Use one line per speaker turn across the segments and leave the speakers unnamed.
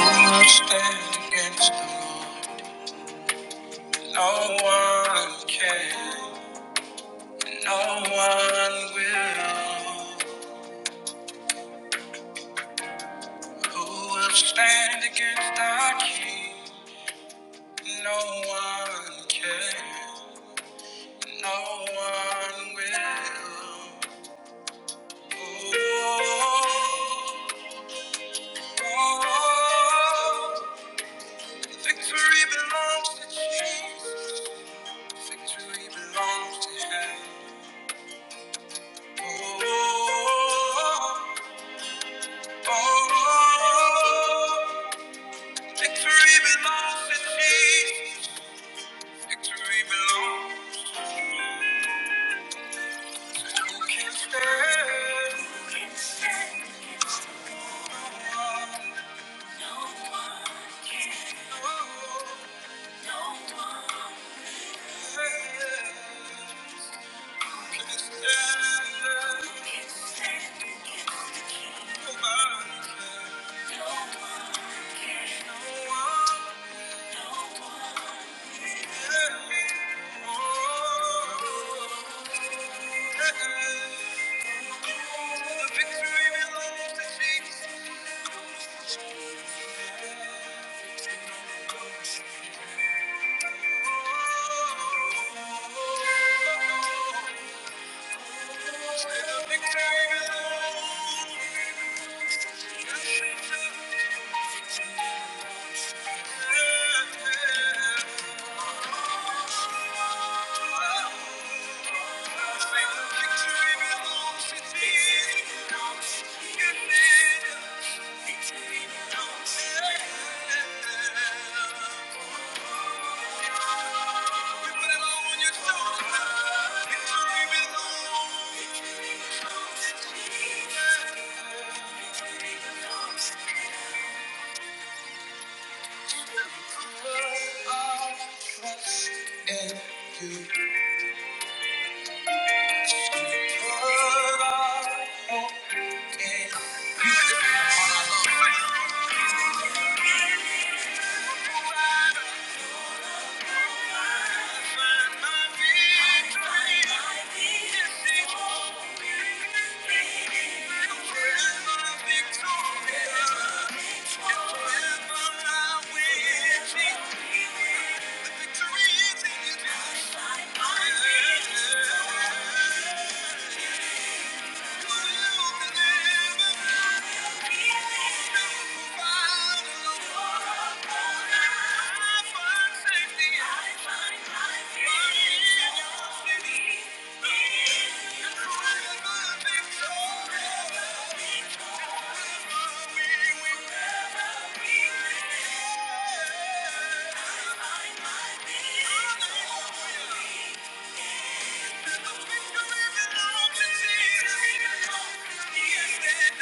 I stand against the Lord. No one can, no one will. Who will stand against our King? No one can, no one will. Oh, oh, victory belongs to Jesus. Victory belongs to Him. Oh, Oh, victory belongs to Jesus. Victory belongs to who can stand. Who can stand? against the Lord? No one can. No one can stand. Who can stand against the King? Nobody can. No one can. No one victory belongs to Jesus. Thank you. victory. Yeah. we Yeah. Come on! You know what the victory belongs to you. Open your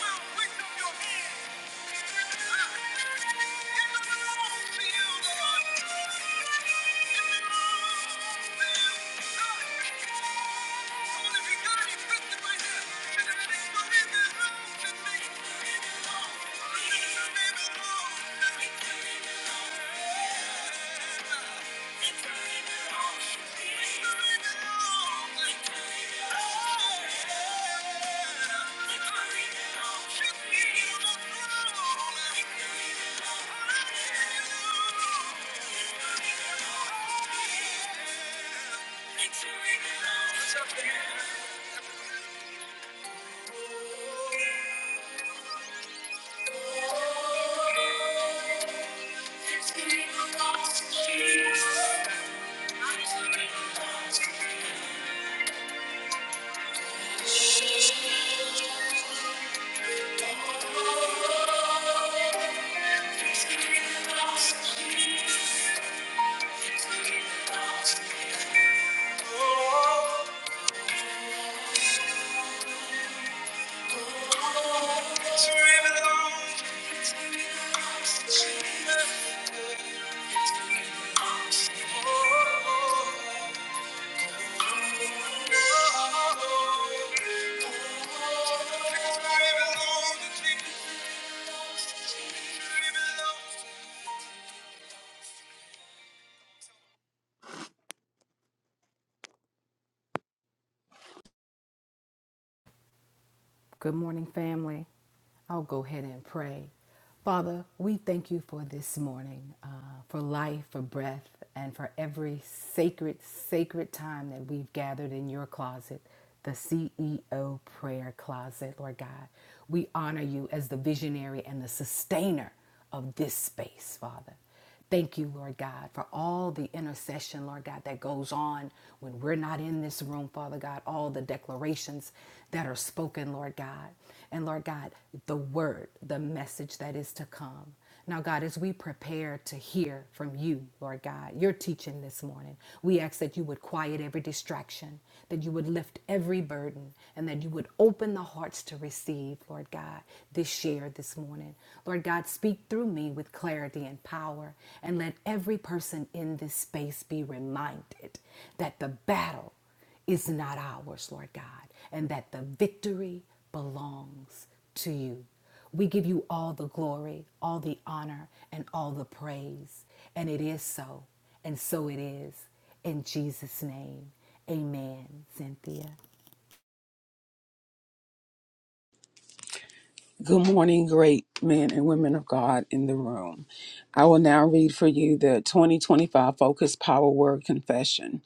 mouth, lift up your hands. Thank you. It's Thank you. Thank you. Good morning, family. I'll go ahead and pray. Father, we thank you for this morning, uh, for life, for breath, and for every sacred, sacred time that we've gathered in your closet, the CEO prayer closet, Lord God. We honor you as the visionary and the sustainer of this space, Father. Thank you, Lord God, for all the intercession, Lord God, that goes on when we're not in this room, Father God, all the declarations that are spoken, Lord God. And Lord God, the word, the message that is to come. Now, God, as we prepare to hear from you, Lord God, your teaching this morning, we ask that you would quiet every distraction, that you would lift every burden, and that you would open the hearts to receive, Lord God this share this morning. Lord God, speak through me with clarity and power, and let every person in this space be reminded that the battle is not ours, Lord God, and that the victory belongs to you. We give you all the glory, all the honor, and all the praise. And it is so, and so it is. In Jesus' name, amen, Cynthia.
Good morning, great men and women of God in the room. I will now read for you the 2025 Focus Power Word Confession.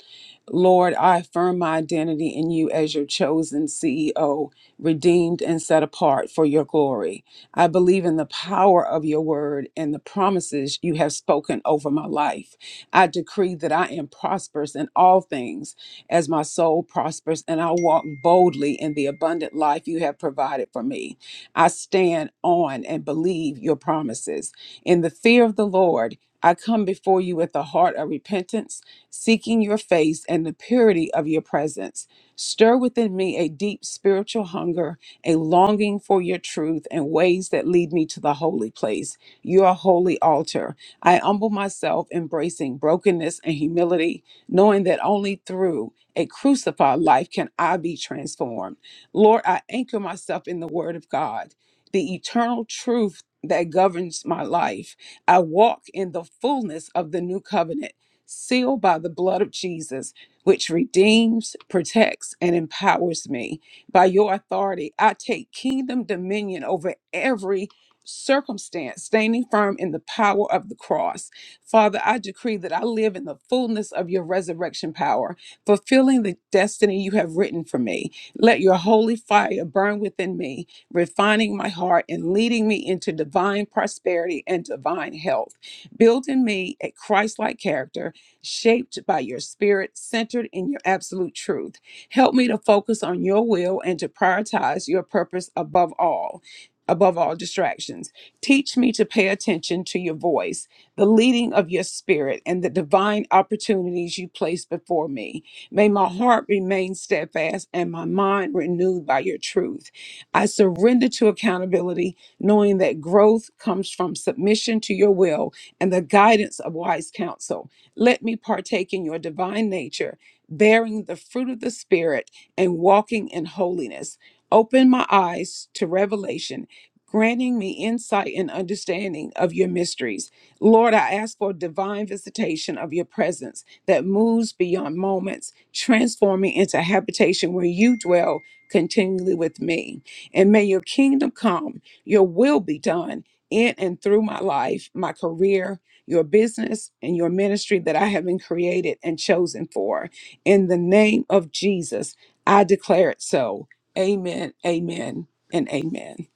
Lord, I affirm my identity in you as your chosen CEO, redeemed and set apart for your glory. I believe in the power of your word and the promises you have spoken over my life. I decree that I am prosperous in all things as my soul prospers, and I walk boldly in the abundant life you have provided for me. I stand on and believe your promises. In the fear of the Lord, I come before you with a heart of repentance, seeking your face and the purity of your presence. Stir within me a deep spiritual hunger, a longing for your truth and ways that lead me to the holy place, your holy altar. I humble myself, embracing brokenness and humility, knowing that only through a crucified life can I be transformed. Lord, I anchor myself in the Word of God, the eternal truth that governs my life. I walk in the fullness of the new covenant, sealed by the blood of Jesus, which redeems, protects, and empowers me. By your authority, I take kingdom dominion over every circumstance, standing firm in the power of the cross. Father, I decree that I live in the fullness of your resurrection power, fulfilling the destiny you have written for me. Let your holy fire burn within me, refining my heart and leading me into divine prosperity and divine health. Build in me a Christ like character, shaped by your spirit, centered in your absolute truth. Help me to focus on your will and to prioritize your purpose above all. Above all distractions, teach me to pay attention to your voice, the leading of your spirit, and the divine opportunities you place before me. May my heart remain steadfast and my mind renewed by your truth. I surrender to accountability, knowing that growth comes from submission to your will and the guidance of wise counsel. Let me partake in your divine nature, bearing the fruit of the Spirit and walking in holiness. Open my eyes to revelation, granting me insight and understanding of your mysteries. Lord, I ask for divine visitation of your presence that moves beyond moments, transforming into habitation where you dwell continually with me. And may your kingdom come, your will be done in and through my life, my career, your business, and your ministry that I have been created and chosen for. In the name of Jesus, I declare it so. Amen, amen, and amen.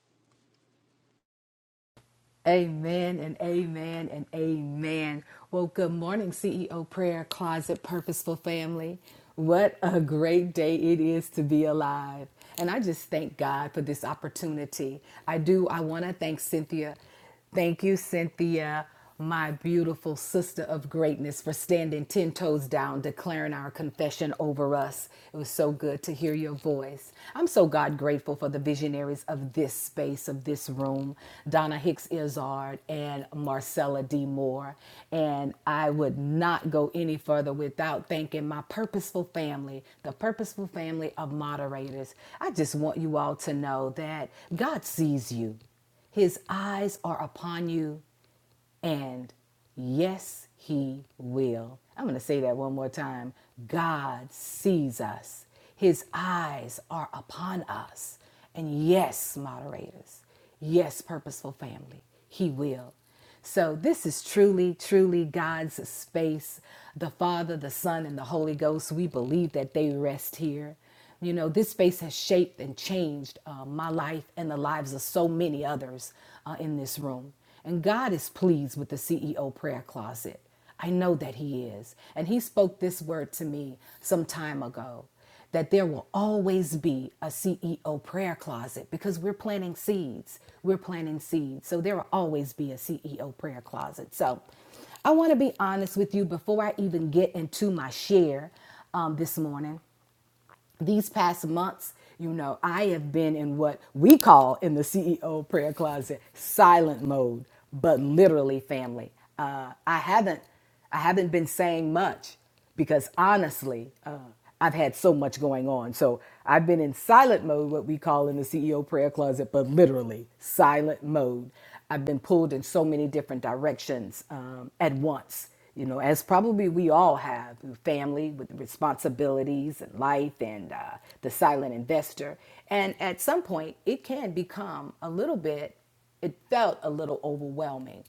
Amen and amen and amen. Well, good morning, CEO Prayer Closet Purposeful Family. What a great day it is to be alive. And I just thank God for this opportunity. I do, I want to thank Cynthia. Thank you, Cynthia my beautiful sister of greatness, for standing 10 toes down, declaring our confession over us. It was so good to hear your voice. I'm so God grateful for the visionaries of this space, of this room, Donna Hicks Izard and Marcella D. Moore. And I would not go any further without thanking my purposeful family, the purposeful family of moderators. I just want you all to know that God sees you. His eyes are upon you. And yes, He will. I'm going to say that one more time. God sees us, His eyes are upon us. And yes, moderators, yes, purposeful family, He will. So, this is truly, truly God's space. The Father, the Son, and the Holy Ghost, we believe that they rest here. You know, this space has shaped and changed uh, my life and the lives of so many others uh, in this room. And God is pleased with the CEO prayer closet. I know that He is. And He spoke this word to me some time ago that there will always be a CEO prayer closet because we're planting seeds. We're planting seeds. So there will always be a CEO prayer closet. So I want to be honest with you before I even get into my share um, this morning these past months, you know, I have been in what we call in the CEO prayer closet silent mode, but literally family. Uh, I haven't, I haven't been saying much because honestly, uh, I've had so much going on. So I've been in silent mode, what we call in the CEO prayer closet, but literally silent mode. I've been pulled in so many different directions um, at once you know, as probably we all have family with responsibilities and life and uh, the silent investor. And at some point, it can become a little bit, it felt a little overwhelming,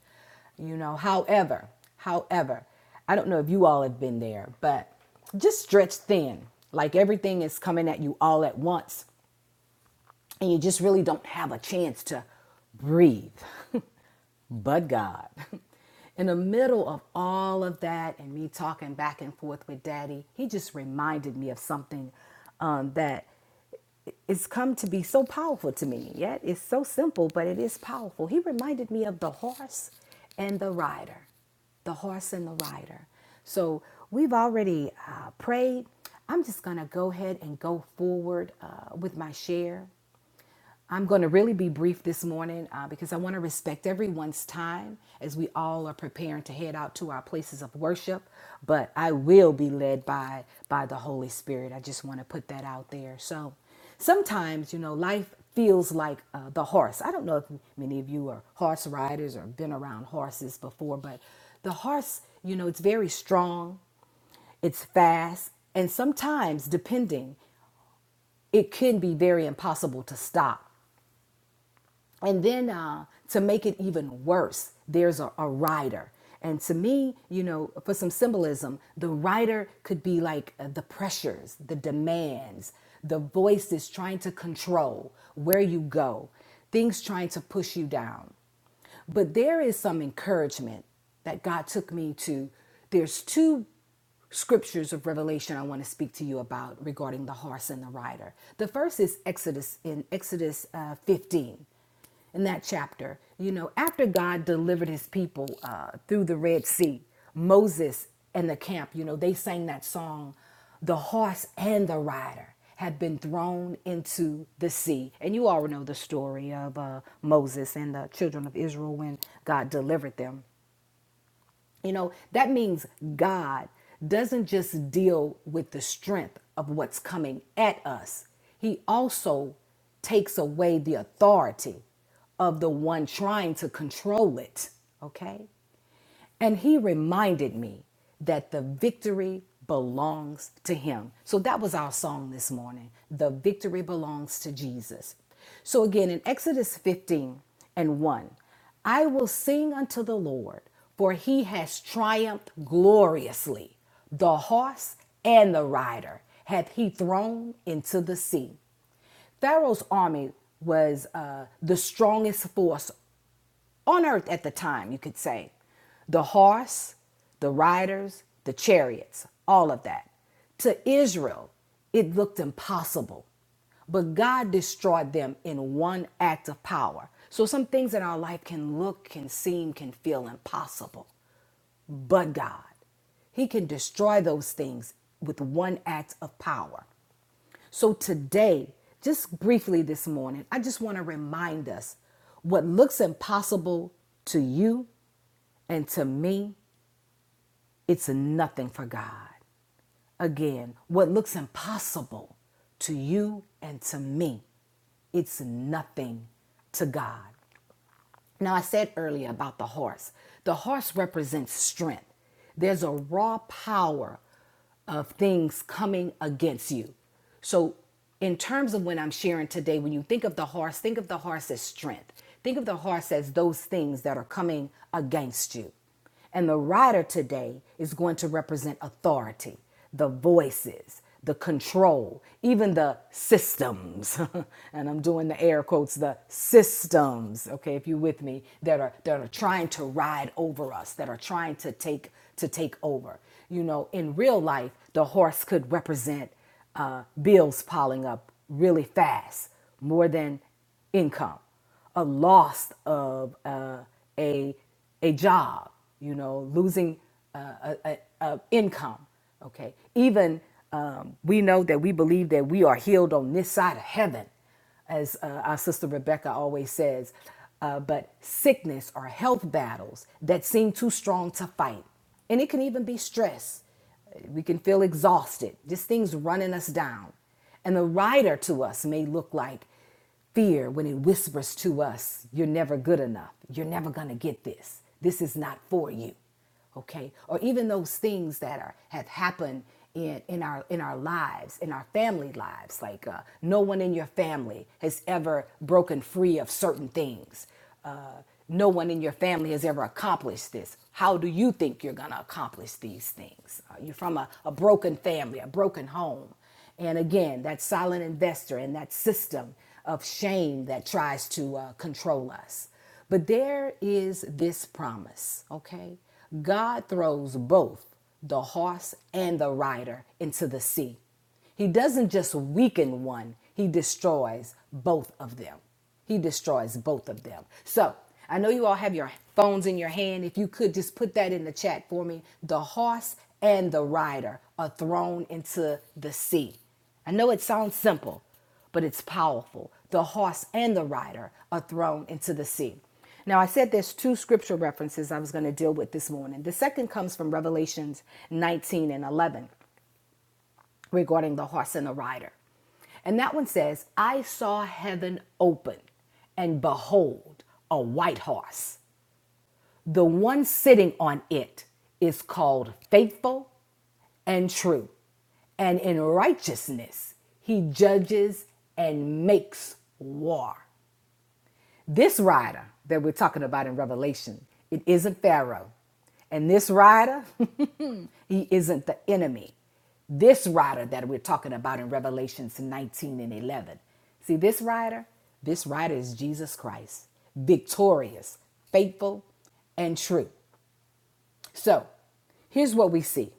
you know. However, however, I don't know if you all have been there, but just stretched thin, like everything is coming at you all at once, and you just really don't have a chance to breathe but God. In the middle of all of that and me talking back and forth with Daddy, he just reminded me of something um, that it's come to be so powerful to me. Yet it's so simple, but it is powerful. He reminded me of the horse and the rider, the horse and the rider. So we've already uh, prayed. I'm just going to go ahead and go forward uh, with my share. I'm going to really be brief this morning uh, because I want to respect everyone's time as we all are preparing to head out to our places of worship. But I will be led by by the Holy Spirit. I just want to put that out there. So sometimes, you know, life feels like uh, the horse. I don't know if many of you are horse riders or been around horses before, but the horse, you know, it's very strong, it's fast, and sometimes, depending, it can be very impossible to stop. And then uh, to make it even worse, there's a, a rider. And to me, you know, for some symbolism, the rider could be like uh, the pressures, the demands, the voices trying to control where you go, things trying to push you down. But there is some encouragement that God took me to. There's two scriptures of Revelation I want to speak to you about regarding the horse and the rider. The first is Exodus in Exodus uh, 15. In that chapter, you know, after God delivered his people uh, through the Red Sea, Moses and the camp, you know, they sang that song the horse and the rider had been thrown into the sea. And you all know the story of uh, Moses and the children of Israel when God delivered them. You know, that means God doesn't just deal with the strength of what's coming at us, He also takes away the authority of the one trying to control it. Okay? And He reminded me that the victory belongs to Him. So that was our song this morning. The victory belongs to Jesus. So again, in Exodus 15 and 1, I will sing unto the Lord, for he has triumphed gloriously. The horse and the rider hath he thrown into the sea. Pharaoh's army was uh, the strongest force on earth at the time, you could say. The horse, the riders, the chariots, all of that. To Israel, it looked impossible, but God destroyed them in one act of power. So some things in our life can look, can seem, can feel impossible, but God. He can destroy those things with one act of power. So today, just briefly this morning, I just want to remind us what looks impossible to you and to me, it's nothing for God. Again, what looks impossible to you and to me, it's nothing to God. Now, I said earlier about the horse. The horse represents strength. There's a raw power of things coming against you. So, in terms of when I'm sharing today, when you think of the horse, think of the horse as strength. Think of the horse as those things that are coming against you. And the rider today is going to represent authority, the voices, the control, even the systems. and I'm doing the air quotes, the systems, okay, if you're with me, that are that are trying to ride over us, that are trying to take to take over. You know, in real life, the horse could represent uh, bills piling up really fast, more than income a loss of uh, a a job, you know, losing uh, a, a, a income. Okay, even um, we know that we believe that we are healed on this side of heaven, as uh, our sister Rebecca always says. Uh, but sickness or health battles that seem too strong to fight, and it can even be stress. We can feel exhausted, just things running us down. And the rider to us may look like Fear, when it whispers to us, you're never good enough. You're never going to get this. This is not for you. Okay? Or even those things that are have happened in, in our in our lives, in our family lives, like uh, no one in your family has ever broken free of certain things. Uh, no one in your family has ever accomplished this. How do you think you're going to accomplish these things? Uh, you're from a, a broken family, a broken home. And again, that silent investor and that system of shame that tries to uh, control us. But there is this promise, okay? God throws both the horse and the rider into the sea. He doesn't just weaken one, he destroys both of them. He destroys both of them. So I know you all have your phones in your hand. If you could just put that in the chat for me. The horse and the rider are thrown into the sea. I know it sounds simple, but it's powerful. The horse and the rider are thrown into the sea. Now, I said there's two scripture references I was going to deal with this morning. The second comes from Revelations 19 and 11 regarding the horse and the rider. And that one says, I saw heaven open, and behold, a white horse. The one sitting on it is called faithful and true. And in righteousness, he judges and makes war. This rider that we're talking about in Revelation, it isn't Pharaoh. And this rider, he isn't the enemy. This rider that we're talking about in Revelations 19 and 11. See, this rider, this rider is Jesus Christ, victorious, faithful, and true. So here's what we see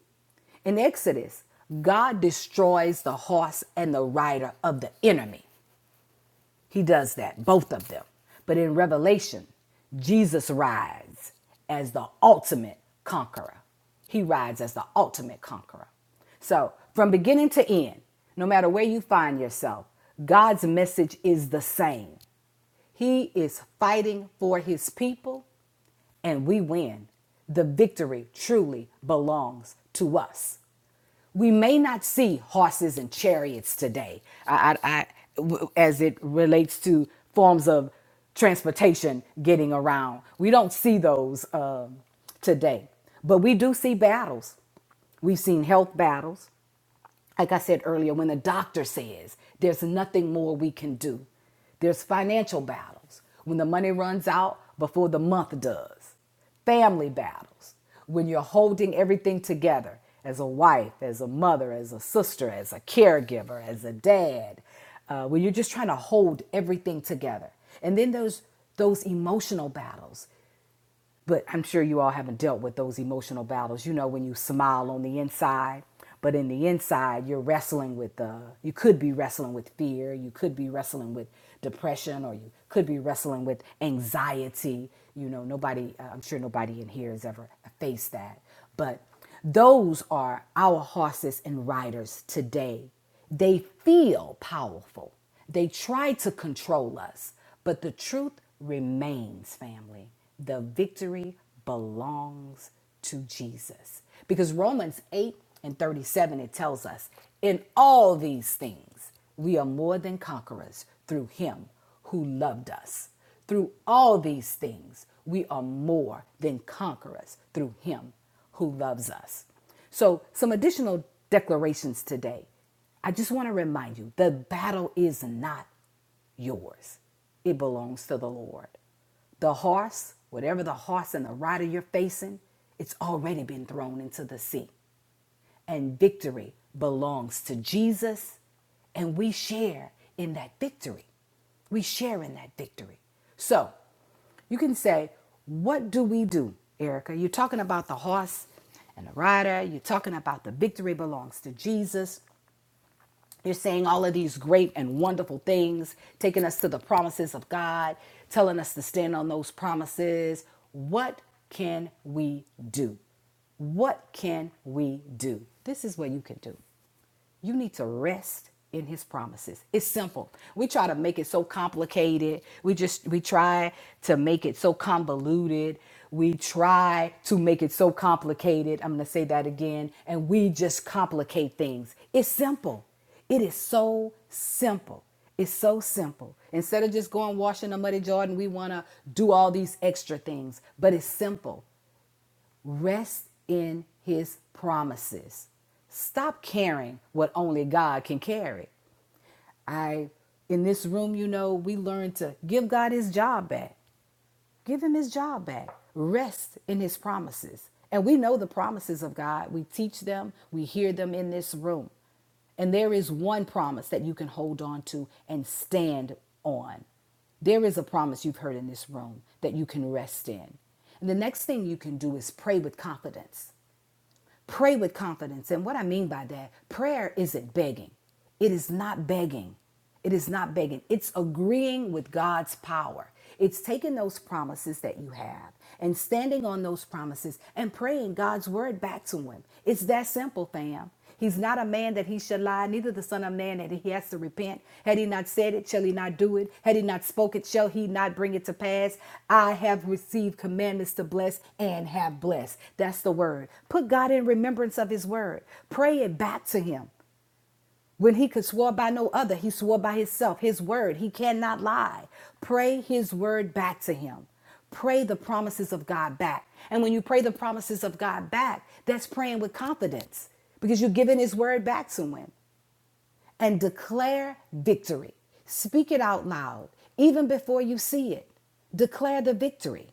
in Exodus God destroys the horse and the rider of the enemy. He does that, both of them. But in Revelation, Jesus rides as the ultimate conqueror. He rides as the ultimate conqueror. So, from beginning to end, no matter where you find yourself, God's message is the same. He is fighting for his people, and we win. The victory truly belongs to us we may not see horses and chariots today I, I, I- w- as it relates to forms of transportation getting around. We don't see those um, today, but we do see battles. We've seen health battles like I said earlier, when the doctor says there's nothing more we can do, there's financial battles when the money runs out before the month does, family battles when you're holding everything together as a wife, as a mother, as a sister, as a caregiver, as a dad, uh, when you're just trying to hold everything together. And then those those emotional battles but I'm sure you all haven't dealt with those emotional battles. You know, when you smile on the inside, but in the inside, you're wrestling with, uh, you could be wrestling with fear, you could be wrestling with depression, or you could be wrestling with anxiety. You know, nobody, uh, I'm sure nobody in here has ever faced that. But those are our horses and riders today. They feel powerful. They try to control us, but the truth remains, family. The victory belongs to Jesus. Because Romans 8 and 37, it tells us, in all these things, we are more than conquerors through him who loved us. Through all these things, we are more than conquerors through him who loves us. So, some additional declarations today. I just want to remind you the battle is not yours. It belongs to the Lord. The horse, whatever the horse and the rider you're facing, it's already been thrown into the sea. And victory belongs to Jesus, and we share in that victory. We share in that victory. So you can say, What do we do, Erica? You're talking about the horse and the rider, you're talking about the victory belongs to Jesus. You're saying all of these great and wonderful things, taking us to the promises of God, telling us to stand on those promises. What can we do? What can we do? This is what you can do. You need to rest in his promises. It's simple. We try to make it so complicated. We just we try to make it so convoluted. We try to make it so complicated. I'm going to say that again. And we just complicate things. It's simple. It is so simple. It's so simple. Instead of just going washing a muddy Jordan, we want to do all these extra things, but it's simple. Rest in his promises. Stop carrying what only God can carry. I in this room, you know, we learn to give God his job back. Give him his job back. Rest in his promises. And we know the promises of God. We teach them, we hear them in this room. And there is one promise that you can hold on to and stand on. There is a promise you've heard in this room that you can rest in. And the next thing you can do is pray with confidence. Pray with confidence. And what I mean by that, prayer isn't begging. It is not begging. It is not begging. It's agreeing with God's power. It's taking those promises that you have and standing on those promises and praying God's word back to Him. It's that simple, fam. He's not a man that he should lie, neither the son of man that he has to repent. Had he not said it, shall he not do it? Had he not spoken, shall he not bring it to pass? I have received commandments to bless and have blessed. That's the word. Put God in remembrance of his word. Pray it back to him. When he could swore by no other, he swore by himself, his word. He cannot lie. Pray his word back to him. Pray the promises of God back. And when you pray the promises of God back, that's praying with confidence because you're giving his word back to him. And declare victory. Speak it out loud, even before you see it. Declare the victory.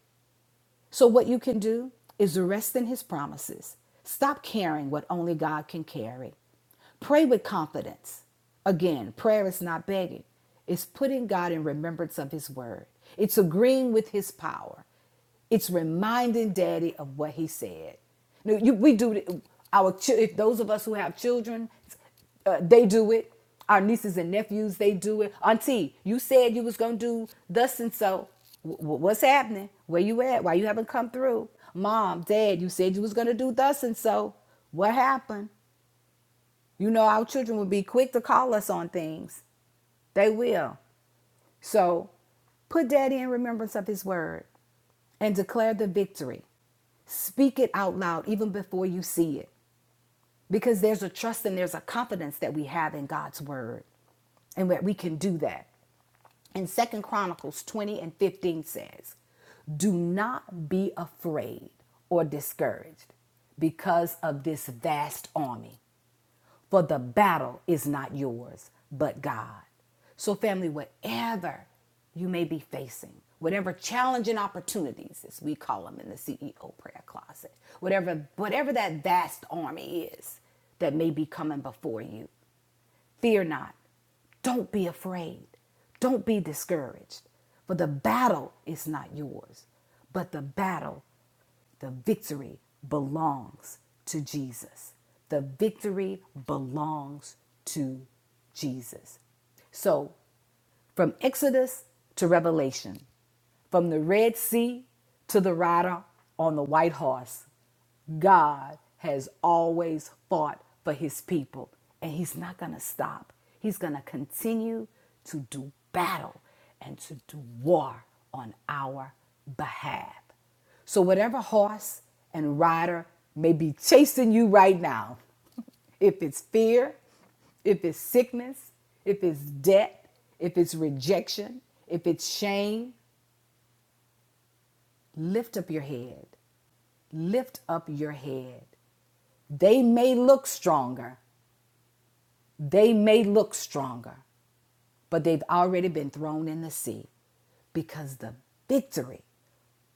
So, what you can do is rest in His promises. Stop caring what only God can carry. Pray with confidence. Again, prayer is not begging, it's putting God in remembrance of His word, it's agreeing with His power, it's reminding Daddy of what He said. Now, you- we do our if those of us who have children, uh, they do it. Our nieces and nephews, they do it. Auntie, you said you was gonna do thus and so. W- what's happening? Where you at? Why you haven't come through? Mom, Dad, you said you was gonna do thus and so. What happened? You know our children will be quick to call us on things. They will. So Put daddy in remembrance of his word and declare the victory. Speak it out loud even before you see it. because there's a trust and there's a confidence that we have in God's word and that we can do that. And Second Chronicles 20 and 15 says, Do not be afraid or discouraged because of this vast army. For the battle is not yours, but God. So, family, whatever you may be facing, whatever challenging opportunities, as we call them in the CEO prayer closet, whatever, whatever that vast army is that may be coming before you, Fear not. Don't be afraid. Don't be discouraged. For the battle is not yours, but the battle, the victory belongs to Jesus. The victory belongs to Jesus. So from Exodus to Revelation, from the Red Sea to the rider on the white horse, God has always fought for his people, and he's not going to stop. He's going to continue to do battle and to do war on our behalf. So, whatever horse and rider may be chasing you right now, if it's fear, if it's sickness, if it's debt, if it's rejection, if it's shame, lift up your head. Lift up your head. They may look stronger. They may look stronger, but they've already been thrown in the sea because the victory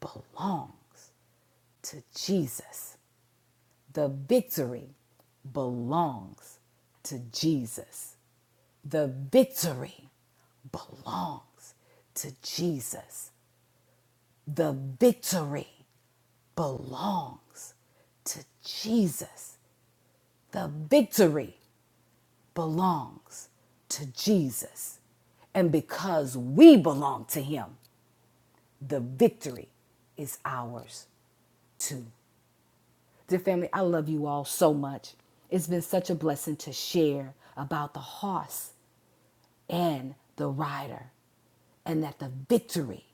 belongs to Jesus. The victory belongs to Jesus. The victory belongs to Jesus. The victory belongs to Jesus. The victory belongs to Jesus. And because we belong to him, the victory is ours too. Dear family, I love you all so much. It's been such a blessing to share about the horse and the rider. and that the victory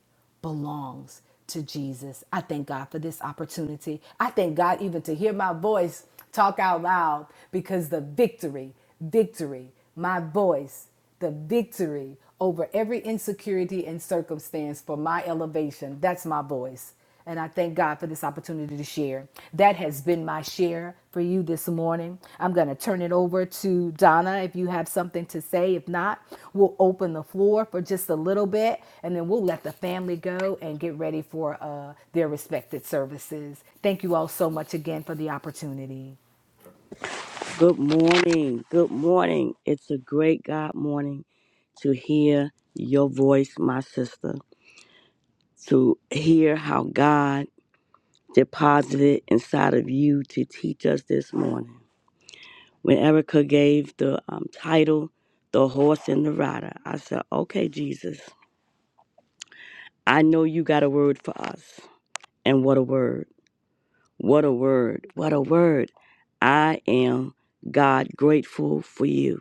belongs to Jesus. I thank God for this opportunity. I thank God even to hear my voice talk out loud because the victory, victory, my voice, the victory over every insecurity and circumstance for my elevation. That's my voice. And I thank God for this opportunity to share. That has been my share for you this morning. I'm going to turn it over to Donna if you have something to say. If not, we'll open the floor for just a little bit and then we'll let the family go and get ready for uh, their respected services. Thank you all so much again for the opportunity.
Good morning. Good morning. It's a great God morning to hear your voice, my sister, to hear how God deposited inside of you to teach us this morning. When Erica gave the um, title, The Horse and the Rider, I said, Okay, Jesus, I know you got a word for us. And what a word. What a word. What a word. I am God grateful for you.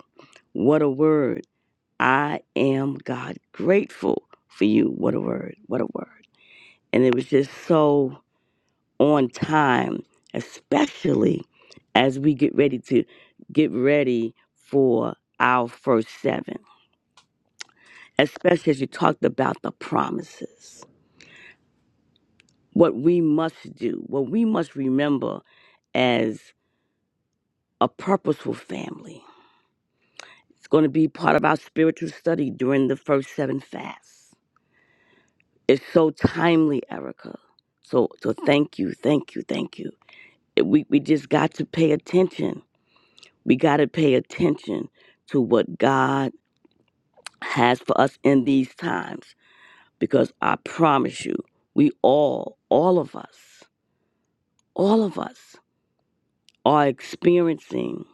What a word. I am God grateful for you. What a word. What a word. And it was just so on time, especially as we get ready to get ready for our first seven, especially as you talked about the promises, what we must do, what we must remember as a purposeful family. It's going to be part of our spiritual study during the first seven fasts It's so timely, Erica. So so thank you, thank you, thank you. It- We we just got to pay attention. We got to pay attention to what God has for us in these times because I promise you, we all, all of us, all of us are experiencing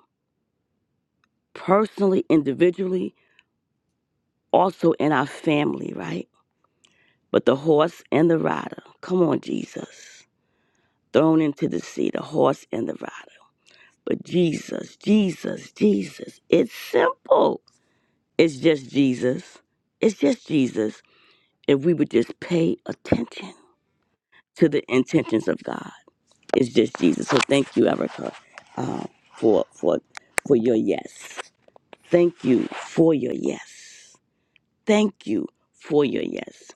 personally, individually, also in our family, right? But the horse and the rider, come on, Jesus, thrown into the sea, the horse and the rider. But Jesus, Jesus, Jesus. It's simple. It's just Jesus. It's just Jesus. If we would just pay attention to the intentions of God, it's just Jesus. So thank you, Erica, uh, for for for your yes. Thank you for your yes. Thank you for your yes.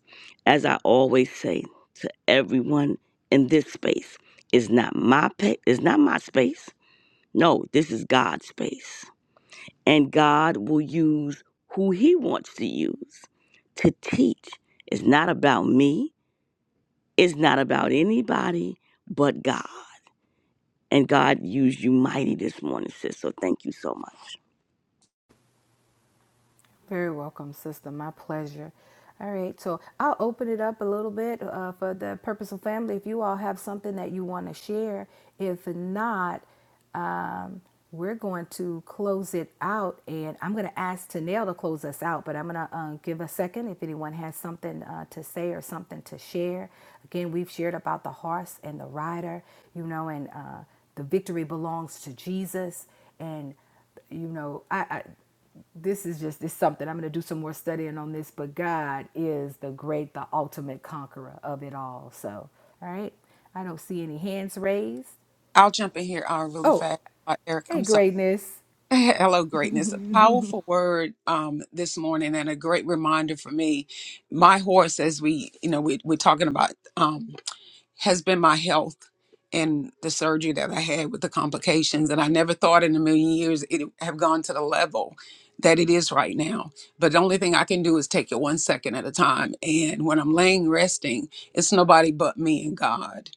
As I always say to everyone in this space, it's not my pa- it's not my space. No, this is God's space and God will use who He wants to use to teach. It's not about me, it's not about anybody but God. And God used you mighty this morning, sis. So thank you so much.
Very welcome, sister. My pleasure. All right, so I'll open it up a little bit uh, for the purposeful family. If you all have something that you want to share, if not, um, we're going to close it out, and I'm going to ask Tanel to close us out. But I'm going to uh, give a second if anyone has something uh, to say or something to share. Again, we've shared about the horse and the rider, you know, and uh, the victory belongs to Jesus, and you know, I, I this is just this something I'm going to do some more studying on this, but God is the great, the ultimate conqueror of it all. So, all right, I don't see any hands raised.
I'll jump in here uh, really
Oh,
fast, uh, Eric.
hey,
I'm sorry.
greatness.
Hello, greatness. A powerful word um, this morning, and a great reminder for me. My horse, as we, you know, we, we're talking about, um, has been my health and the surgery that I had with the complications. And I never thought in a million years it would have gone to the level that it is right now. But the only thing I can do is take it one second at a time. And when I'm laying resting, it's nobody but me and God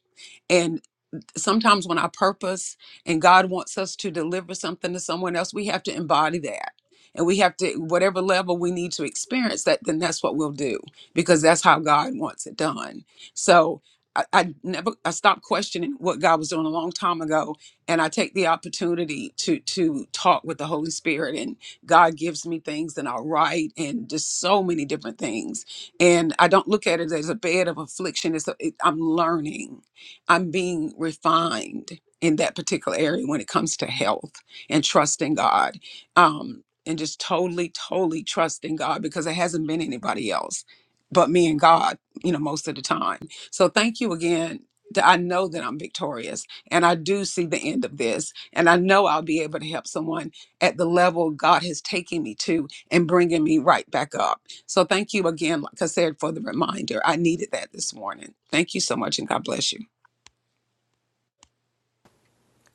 sometimes when our purpose and God wants us to deliver something to someone else, we have to embody that. And we have to, whatever level we need to experience that, then that's what we'll do because that's how God wants it done. So I, I never, I stopped questioning what God was doing a long time ago. And I take the opportunity to, to talk with the Holy Spirit and God gives me things and I'll write and just so many different things. And I don't look at it as a bed of affliction. It's a, it, I'm learning I'm being refined in that particular area when it comes to health and trusting God. Um, and just totally, totally trusting God because it hasn't been anybody else but me and God, you know, most of the time. So thank you again. that I know that I'm victorious and I do see the end of this. And I know I'll be able to help someone at the level God has taken me to and bringing me right back up. So thank you again, like I said, for the reminder. I needed that this morning. Thank you so much and God bless you.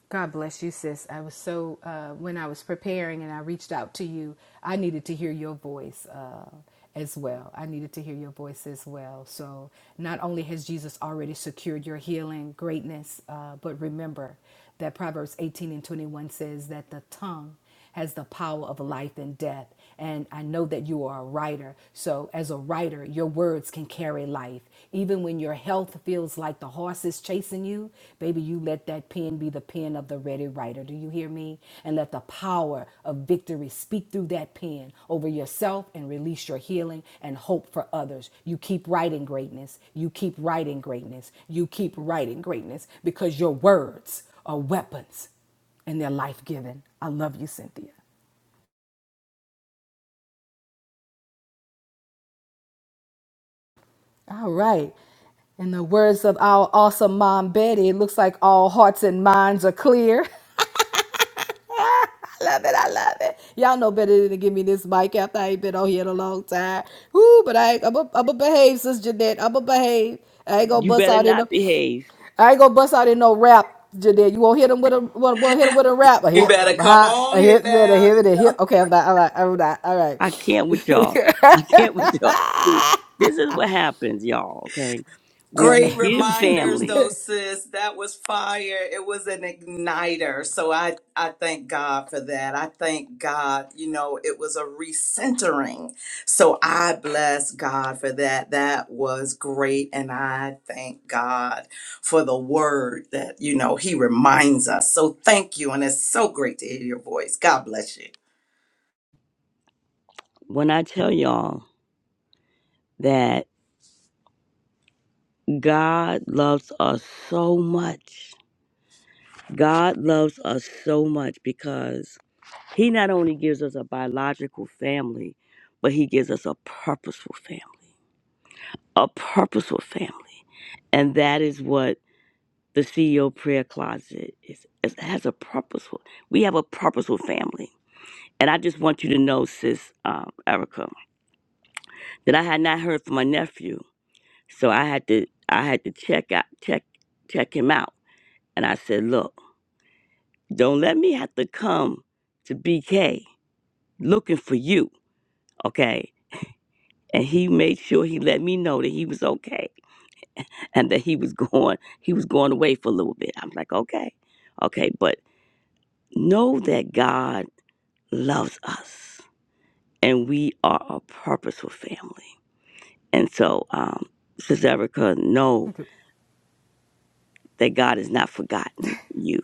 God bless you, sis. I was so, uh, when I was preparing and I reached out to you, I needed to hear your voice uh, as well. I needed to hear your voice as well. So, not only has Jesus already secured your healing, greatness, uh, but remember that Proverbs 18 and 21 says that the tongue has the power of life and death. And I know that you are a writer. So, as a writer, your words can carry life. Even when your health feels like the horse is chasing you, baby, you let that pen be the pen of the ready writer. Do you hear me? And let the power of victory speak through that pen over yourself and release your healing and hope for others. You keep writing greatness. You keep writing greatness. You keep writing greatness because your words are weapons and they're life giving. I love you, Cynthia. All right. In the words of our awesome mom, Betty, it looks like all hearts and minds are clear. I love it. I love it. Y'all know better than to give me this mic after I ain't been on here in a long time. Woo, but I, I'm going to behave, Sis Jeanette. I'm going to behave. I ain't gonna
You
bust
better
out in no,
not behave.
I ain't gonna bust out in no rap, Jeanette. You won't hit him with a, won't, won't hit him with a rap. A
You
hit,
better
a
come
high,
on
a
here
hit, you better
now.
hit it, a hit. Okay, I'm not, I'm not, I'm not.
I can't with y'all. I can't with y'all. See, this is what happens, y'all, okay?
All
When you
Great
right,
give
reminders
all
family,
though, sis. That was fire. It was an igniter. So I, I thank God for that. I thank God, you know, it was a recentering. So I bless God for that. That was great. And I thank God for the word that, you know, he reminds us. So thank you. And it's so great to hear your voice. God bless you.
when I tell y'all that God loves us so much, God loves us so much because He not only gives us a biological family, but he gives us a purposeful family. A purposeful family. And that is what the CEO prayer closet is. It has a purposeful. We have a purposeful family. And I just want you to know, sis um, Erica, that I had not heard from my nephew. So I had to I had to check out check check him out. And I said, look, don't let me have to come to BK looking for you. Okay. and he made sure he let me know that he was okay and that he was going he was going away for a little bit i'm like okay okay but know that god loves us and we are a purposeful family and so um sister erica know
right.
that god has not forgotten you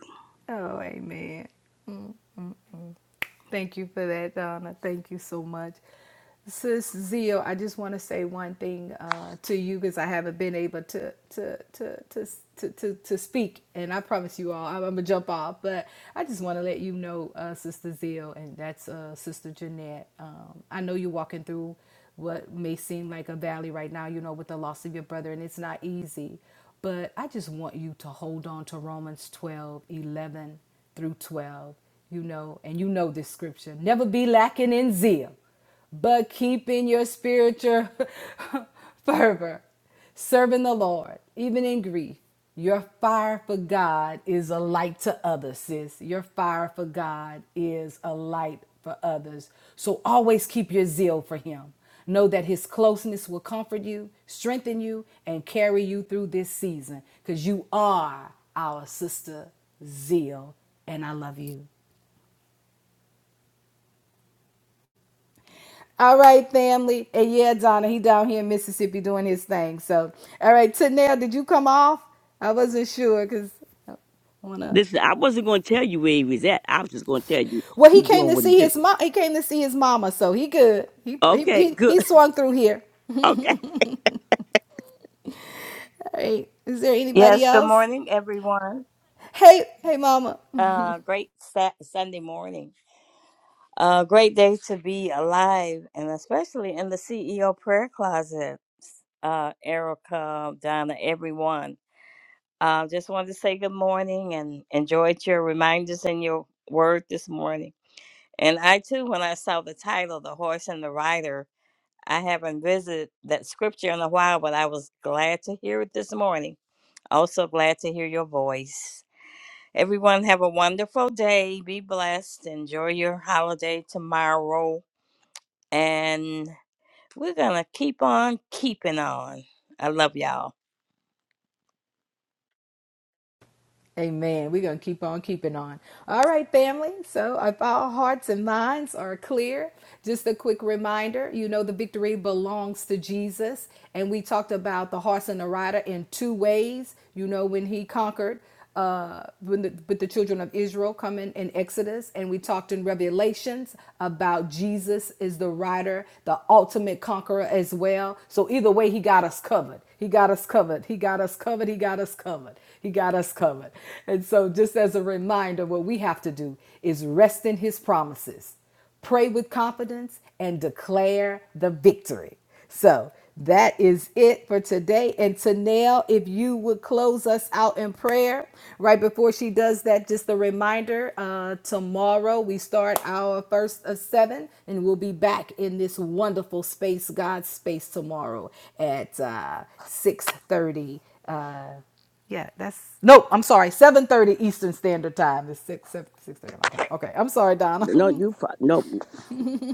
Oh, amen. Thank you for that, Donna. Thank you so much. Sis Zeal, I just want to say one thing uh, to you because I haven't been able to to, to to to to to speak, and I promise you all, I'm, I'm gonna jump off. But I just want to let you know, uh, Sister Zeal, and that's uh, Sister Jeanette. Um, I know you're walking through what may seem like a valley right now, you know, with the loss of your brother, and it's not easy. But I just want you to hold on to Romans 12 11 through 12, you know, and you know this scripture. Never be lacking in zeal, but keeping your spiritual fervor, serving the Lord, even in grief. Your fire for God is a light to others, sis. Your fire for God is a light for others. So always keep your zeal for Him. Know that his closeness will comfort you, strengthen you, and carry you through this season because you are our sister Zeal, and I love you. All right, family. And yeah, Donna, he down here in Mississippi doing his thing. So, all right, Tanel, did you come off? I wasn't sure because I went up.
listen i wasn't going to tell you where he was at i was just going to tell you
Well, he
he's
came
doing
to
what he
see
do
his mom. He came to see his mama, so he good. He he
okay
he,
good
he swung through here.
okay
All right. Is there anybody
Yes, good
else?
morning, everyone.
Hey, hey, mama.
Uh, great Sa- Sunday morning. Uh, great day to be alive, and especially in the CEO prayer closet. Uh, Erica, Donna, everyone. Uh, just wanted to say good morning and enjoyed your reminders and your word this morning. And I too, when I saw the title, "The Horse and the Rider," I haven't visited that scripture in a while, but I was glad to hear it this morning. Also glad to hear your voice. Everyone have a wonderful day. Be blessed. Enjoy your holiday tomorrow. And we're going to keep on keeping on. I love y'all.
Amen. We're going to keep on keeping on. All right, family. So, if all hearts and minds are clear, just a quick reminder you know, the victory belongs to Jesus. And we talked about the horse and the rider in two ways. You know, when he conquered uh, when the, with the children of Israel coming in Exodus, and we talked in Revelations about Jesus is the rider, the ultimate conqueror as well. So either way, he got us covered. He got us covered. He got us covered. He got us covered. he got us covered. And so, just as a reminder, what we have to do is rest in his promises, pray with confidence, and declare the victory. So, that is it for today. And Tanel, if you would close us out in prayer right before she does that, just a reminder uh, tomorrow we start our first of seven, and we'll be back in this wonderful space, God's space, tomorrow at uh, 6 thirty Nope, I'm sorry. 7:30 Eastern Standard Time. It's six, seven, six thirty my time. Okay. I'm sorry, Donna.
no you fi- no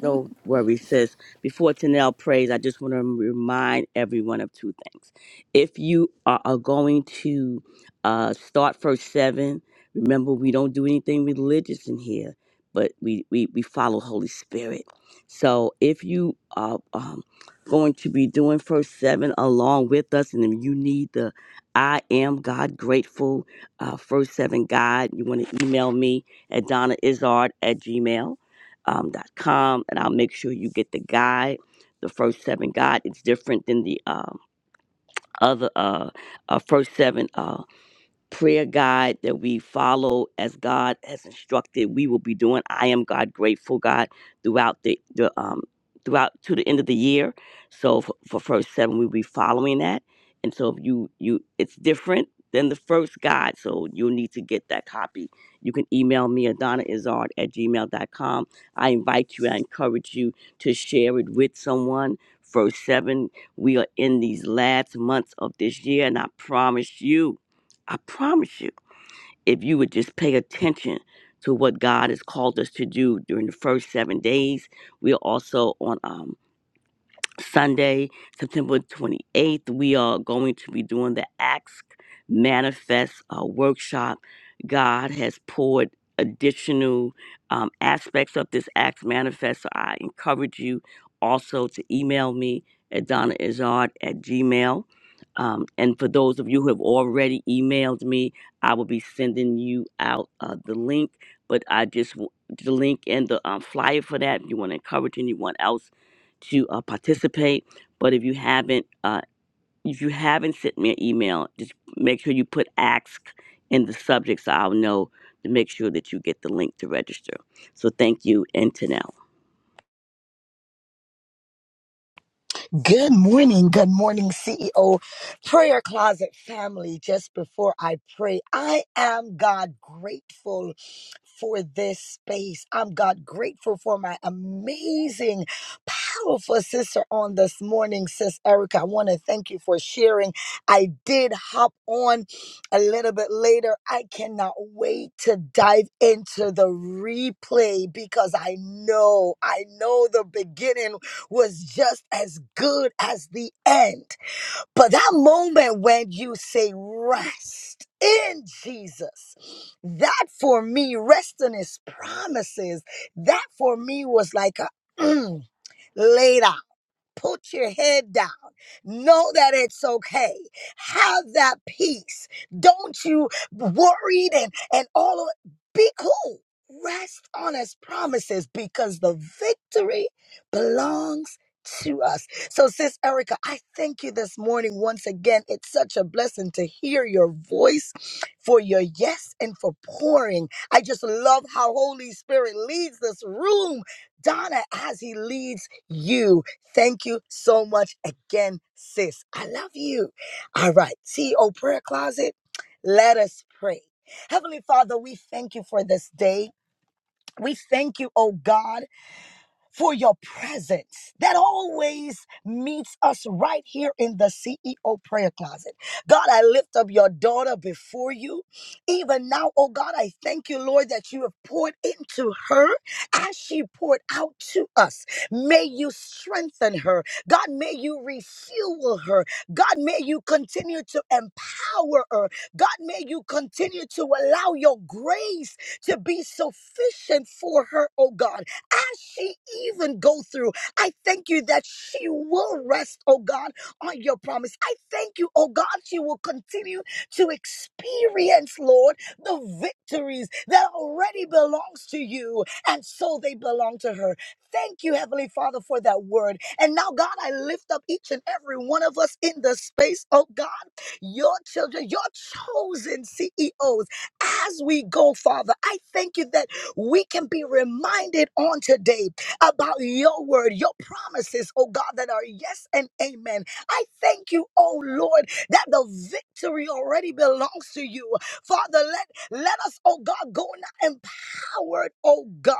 No worries, sis. Before Tanel prays, I just want to remind everyone of two things. If you are, are going to uh, start first seven, remember we don't do anything religious in here, but we, we, we follow Holy Spirit. So if you are um, going to be doing first seven along with us, and if you need the I am God grateful uh, first seven guide, you want to email me at donnaizard at gmail um, dot com, and I'll make sure you get the guide, the first seven guide. It's different than the um, other uh, uh, first seven. Um, prayer guide that we follow as God has instructed we will be doing. I am God grateful God throughout the, the um throughout to the end of the year. So for, for first seven we'll be following that. And so if you you it's different than the first guide. So you'll need to get that copy. You can email me at donnaizard at gmail dot com. I invite you, I encourage you to share it with someone. First seven, we are in these last months of this year, and I promise you I promise you, if you would just pay attention to what God has called us to do during the first seven days, we are also on um, Sunday, September 28th, we are going to be doing the Ask Manifest uh, workshop. God has poured additional um, aspects of this Ask Manifest. So I encourage you also to email me at Donna Izard at Gmail. Um, and for those of you who have already emailed me, I will be sending you out uh, the link. But I just w- the link and the um, flyer for that. If you want to encourage anyone else to uh, participate. But if you haven't, uh, if you haven't sent me an email, just make sure you put ask in the subject so I'll know to make sure that you get the link to register. So thank you, and to now.
Good morning. Good morning, CEO Prayer Closet family. Just before I pray, I am God grateful for this space. I'm God grateful for my amazing, powerful sister on this morning, Sis Erica. I want to thank you for sharing. I did hop on a little bit later. I cannot wait to dive into the replay because I know, I know the beginning was just as good as the end. But that moment when you say rest in Jesus, that for me, rest in his promises, that for me was like a later. Put your head down. Know that it's okay. Have that peace. Don't you worried and and all of it? be cool. Rest on his promises because the victory belongs to us. So, sis Erica, I thank you this morning once again. It's such a blessing to hear your voice for your yes and for pouring. I just love how Holy Spirit leads this room Donna as he leads you. Thank you so much again, sis. I love you. All right, CEO Prayer Closet, let us pray. Heavenly Father, we thank you for this day. We thank you, oh God for your presence that always meets us right here in the CEO prayer closet. God, I lift up your daughter before you. Even now, oh God, I thank you, Lord, that you have poured into her as she poured out to us. May you strengthen her. God, may you refuel her. God, may you continue to empower her. God, may you continue to allow your grace to be sufficient for her, oh God as she even go through. I thank you that she will rest, oh God, on your promise. I thank you, oh God, she will continue to experience, Lord, the victories that already belongs to you, and so they belong to her. Thank you, Heavenly Father, for that word. And now, God, I lift up each and every one of us in the space, oh God, your children, your chosen CEOs, as we go, Father. I thank you that we can be reminded on today about your word, your promises, oh God, that are yes and amen. I thank you, oh Lord, that the victory already belongs to you. Father, let, let us, oh God, go now empowered, oh God.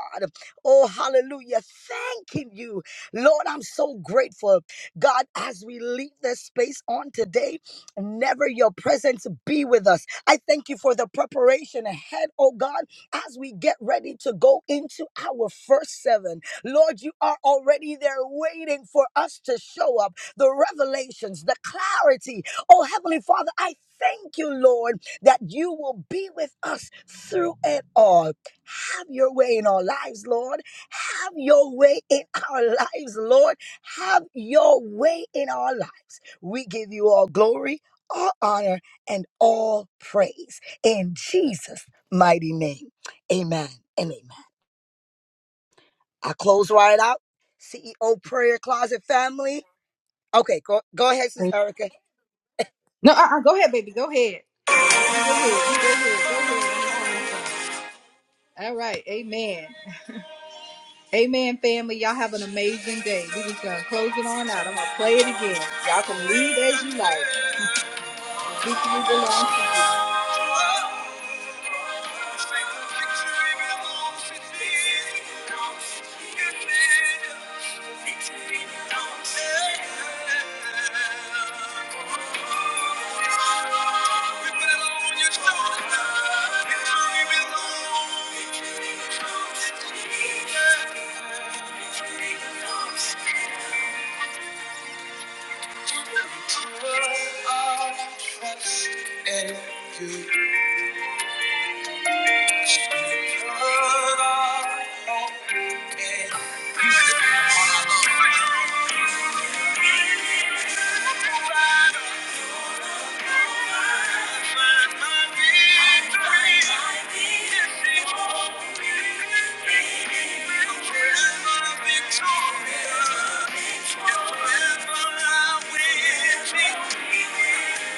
Oh, hallelujah. Thanking you. Lord, I'm so grateful. God, as we leave this space on today, never your presence be with us. I thank you for the preparation ahead, oh God as we get ready to go into our first seven. Lord, you are already there waiting for us to show up. The revelations, the clarity. Oh, Heavenly Father, I thank you, Lord, that you will be with us through it all. Have your way in our lives, Lord. Have your way in our lives, Lord. Have your way in our lives. We give you all glory, all honor, and all praise in Jesus' mighty name. Amen and amen. I close right out. CEO Prayer Closet family. Okay, go, go ahead, Sis
Thank-
Erica.
No, uh-uh. Go ahead, baby. Go ahead. Go ahead. Go ahead. Go ahead. I'm sorry. All right. Amen. Amen, family. Y'all have an amazing day. We're just going to close it on out. I'm going to play it again. Y'all can leave as you like. Victory belongs to you. We put our trust in you. Put our hope in you.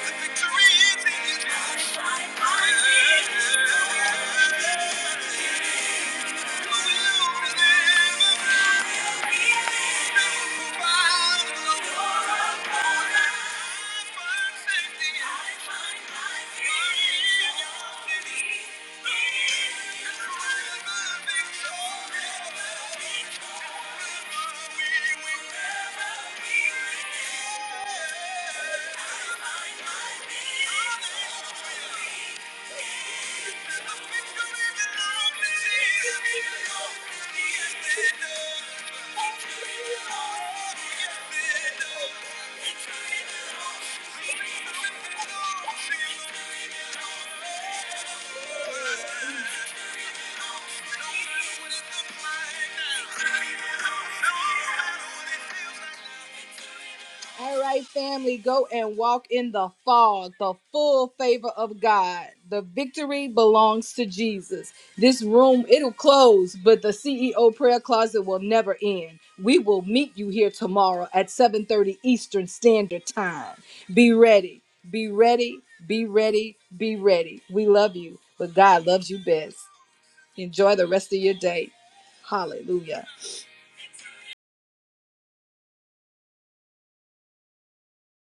The Victory is in you. Yeah. Thank you. All right, family, go and walk in the fog, the full favor of God. The victory belongs to Jesus. This room, it'll close, but the CEO prayer closet will never end. We will meet you here tomorrow at 7:30 Eastern Standard Time. Be ready. Be ready. Be ready. Be ready. We love you, but God loves you best. Enjoy the rest of your day. Hallelujah.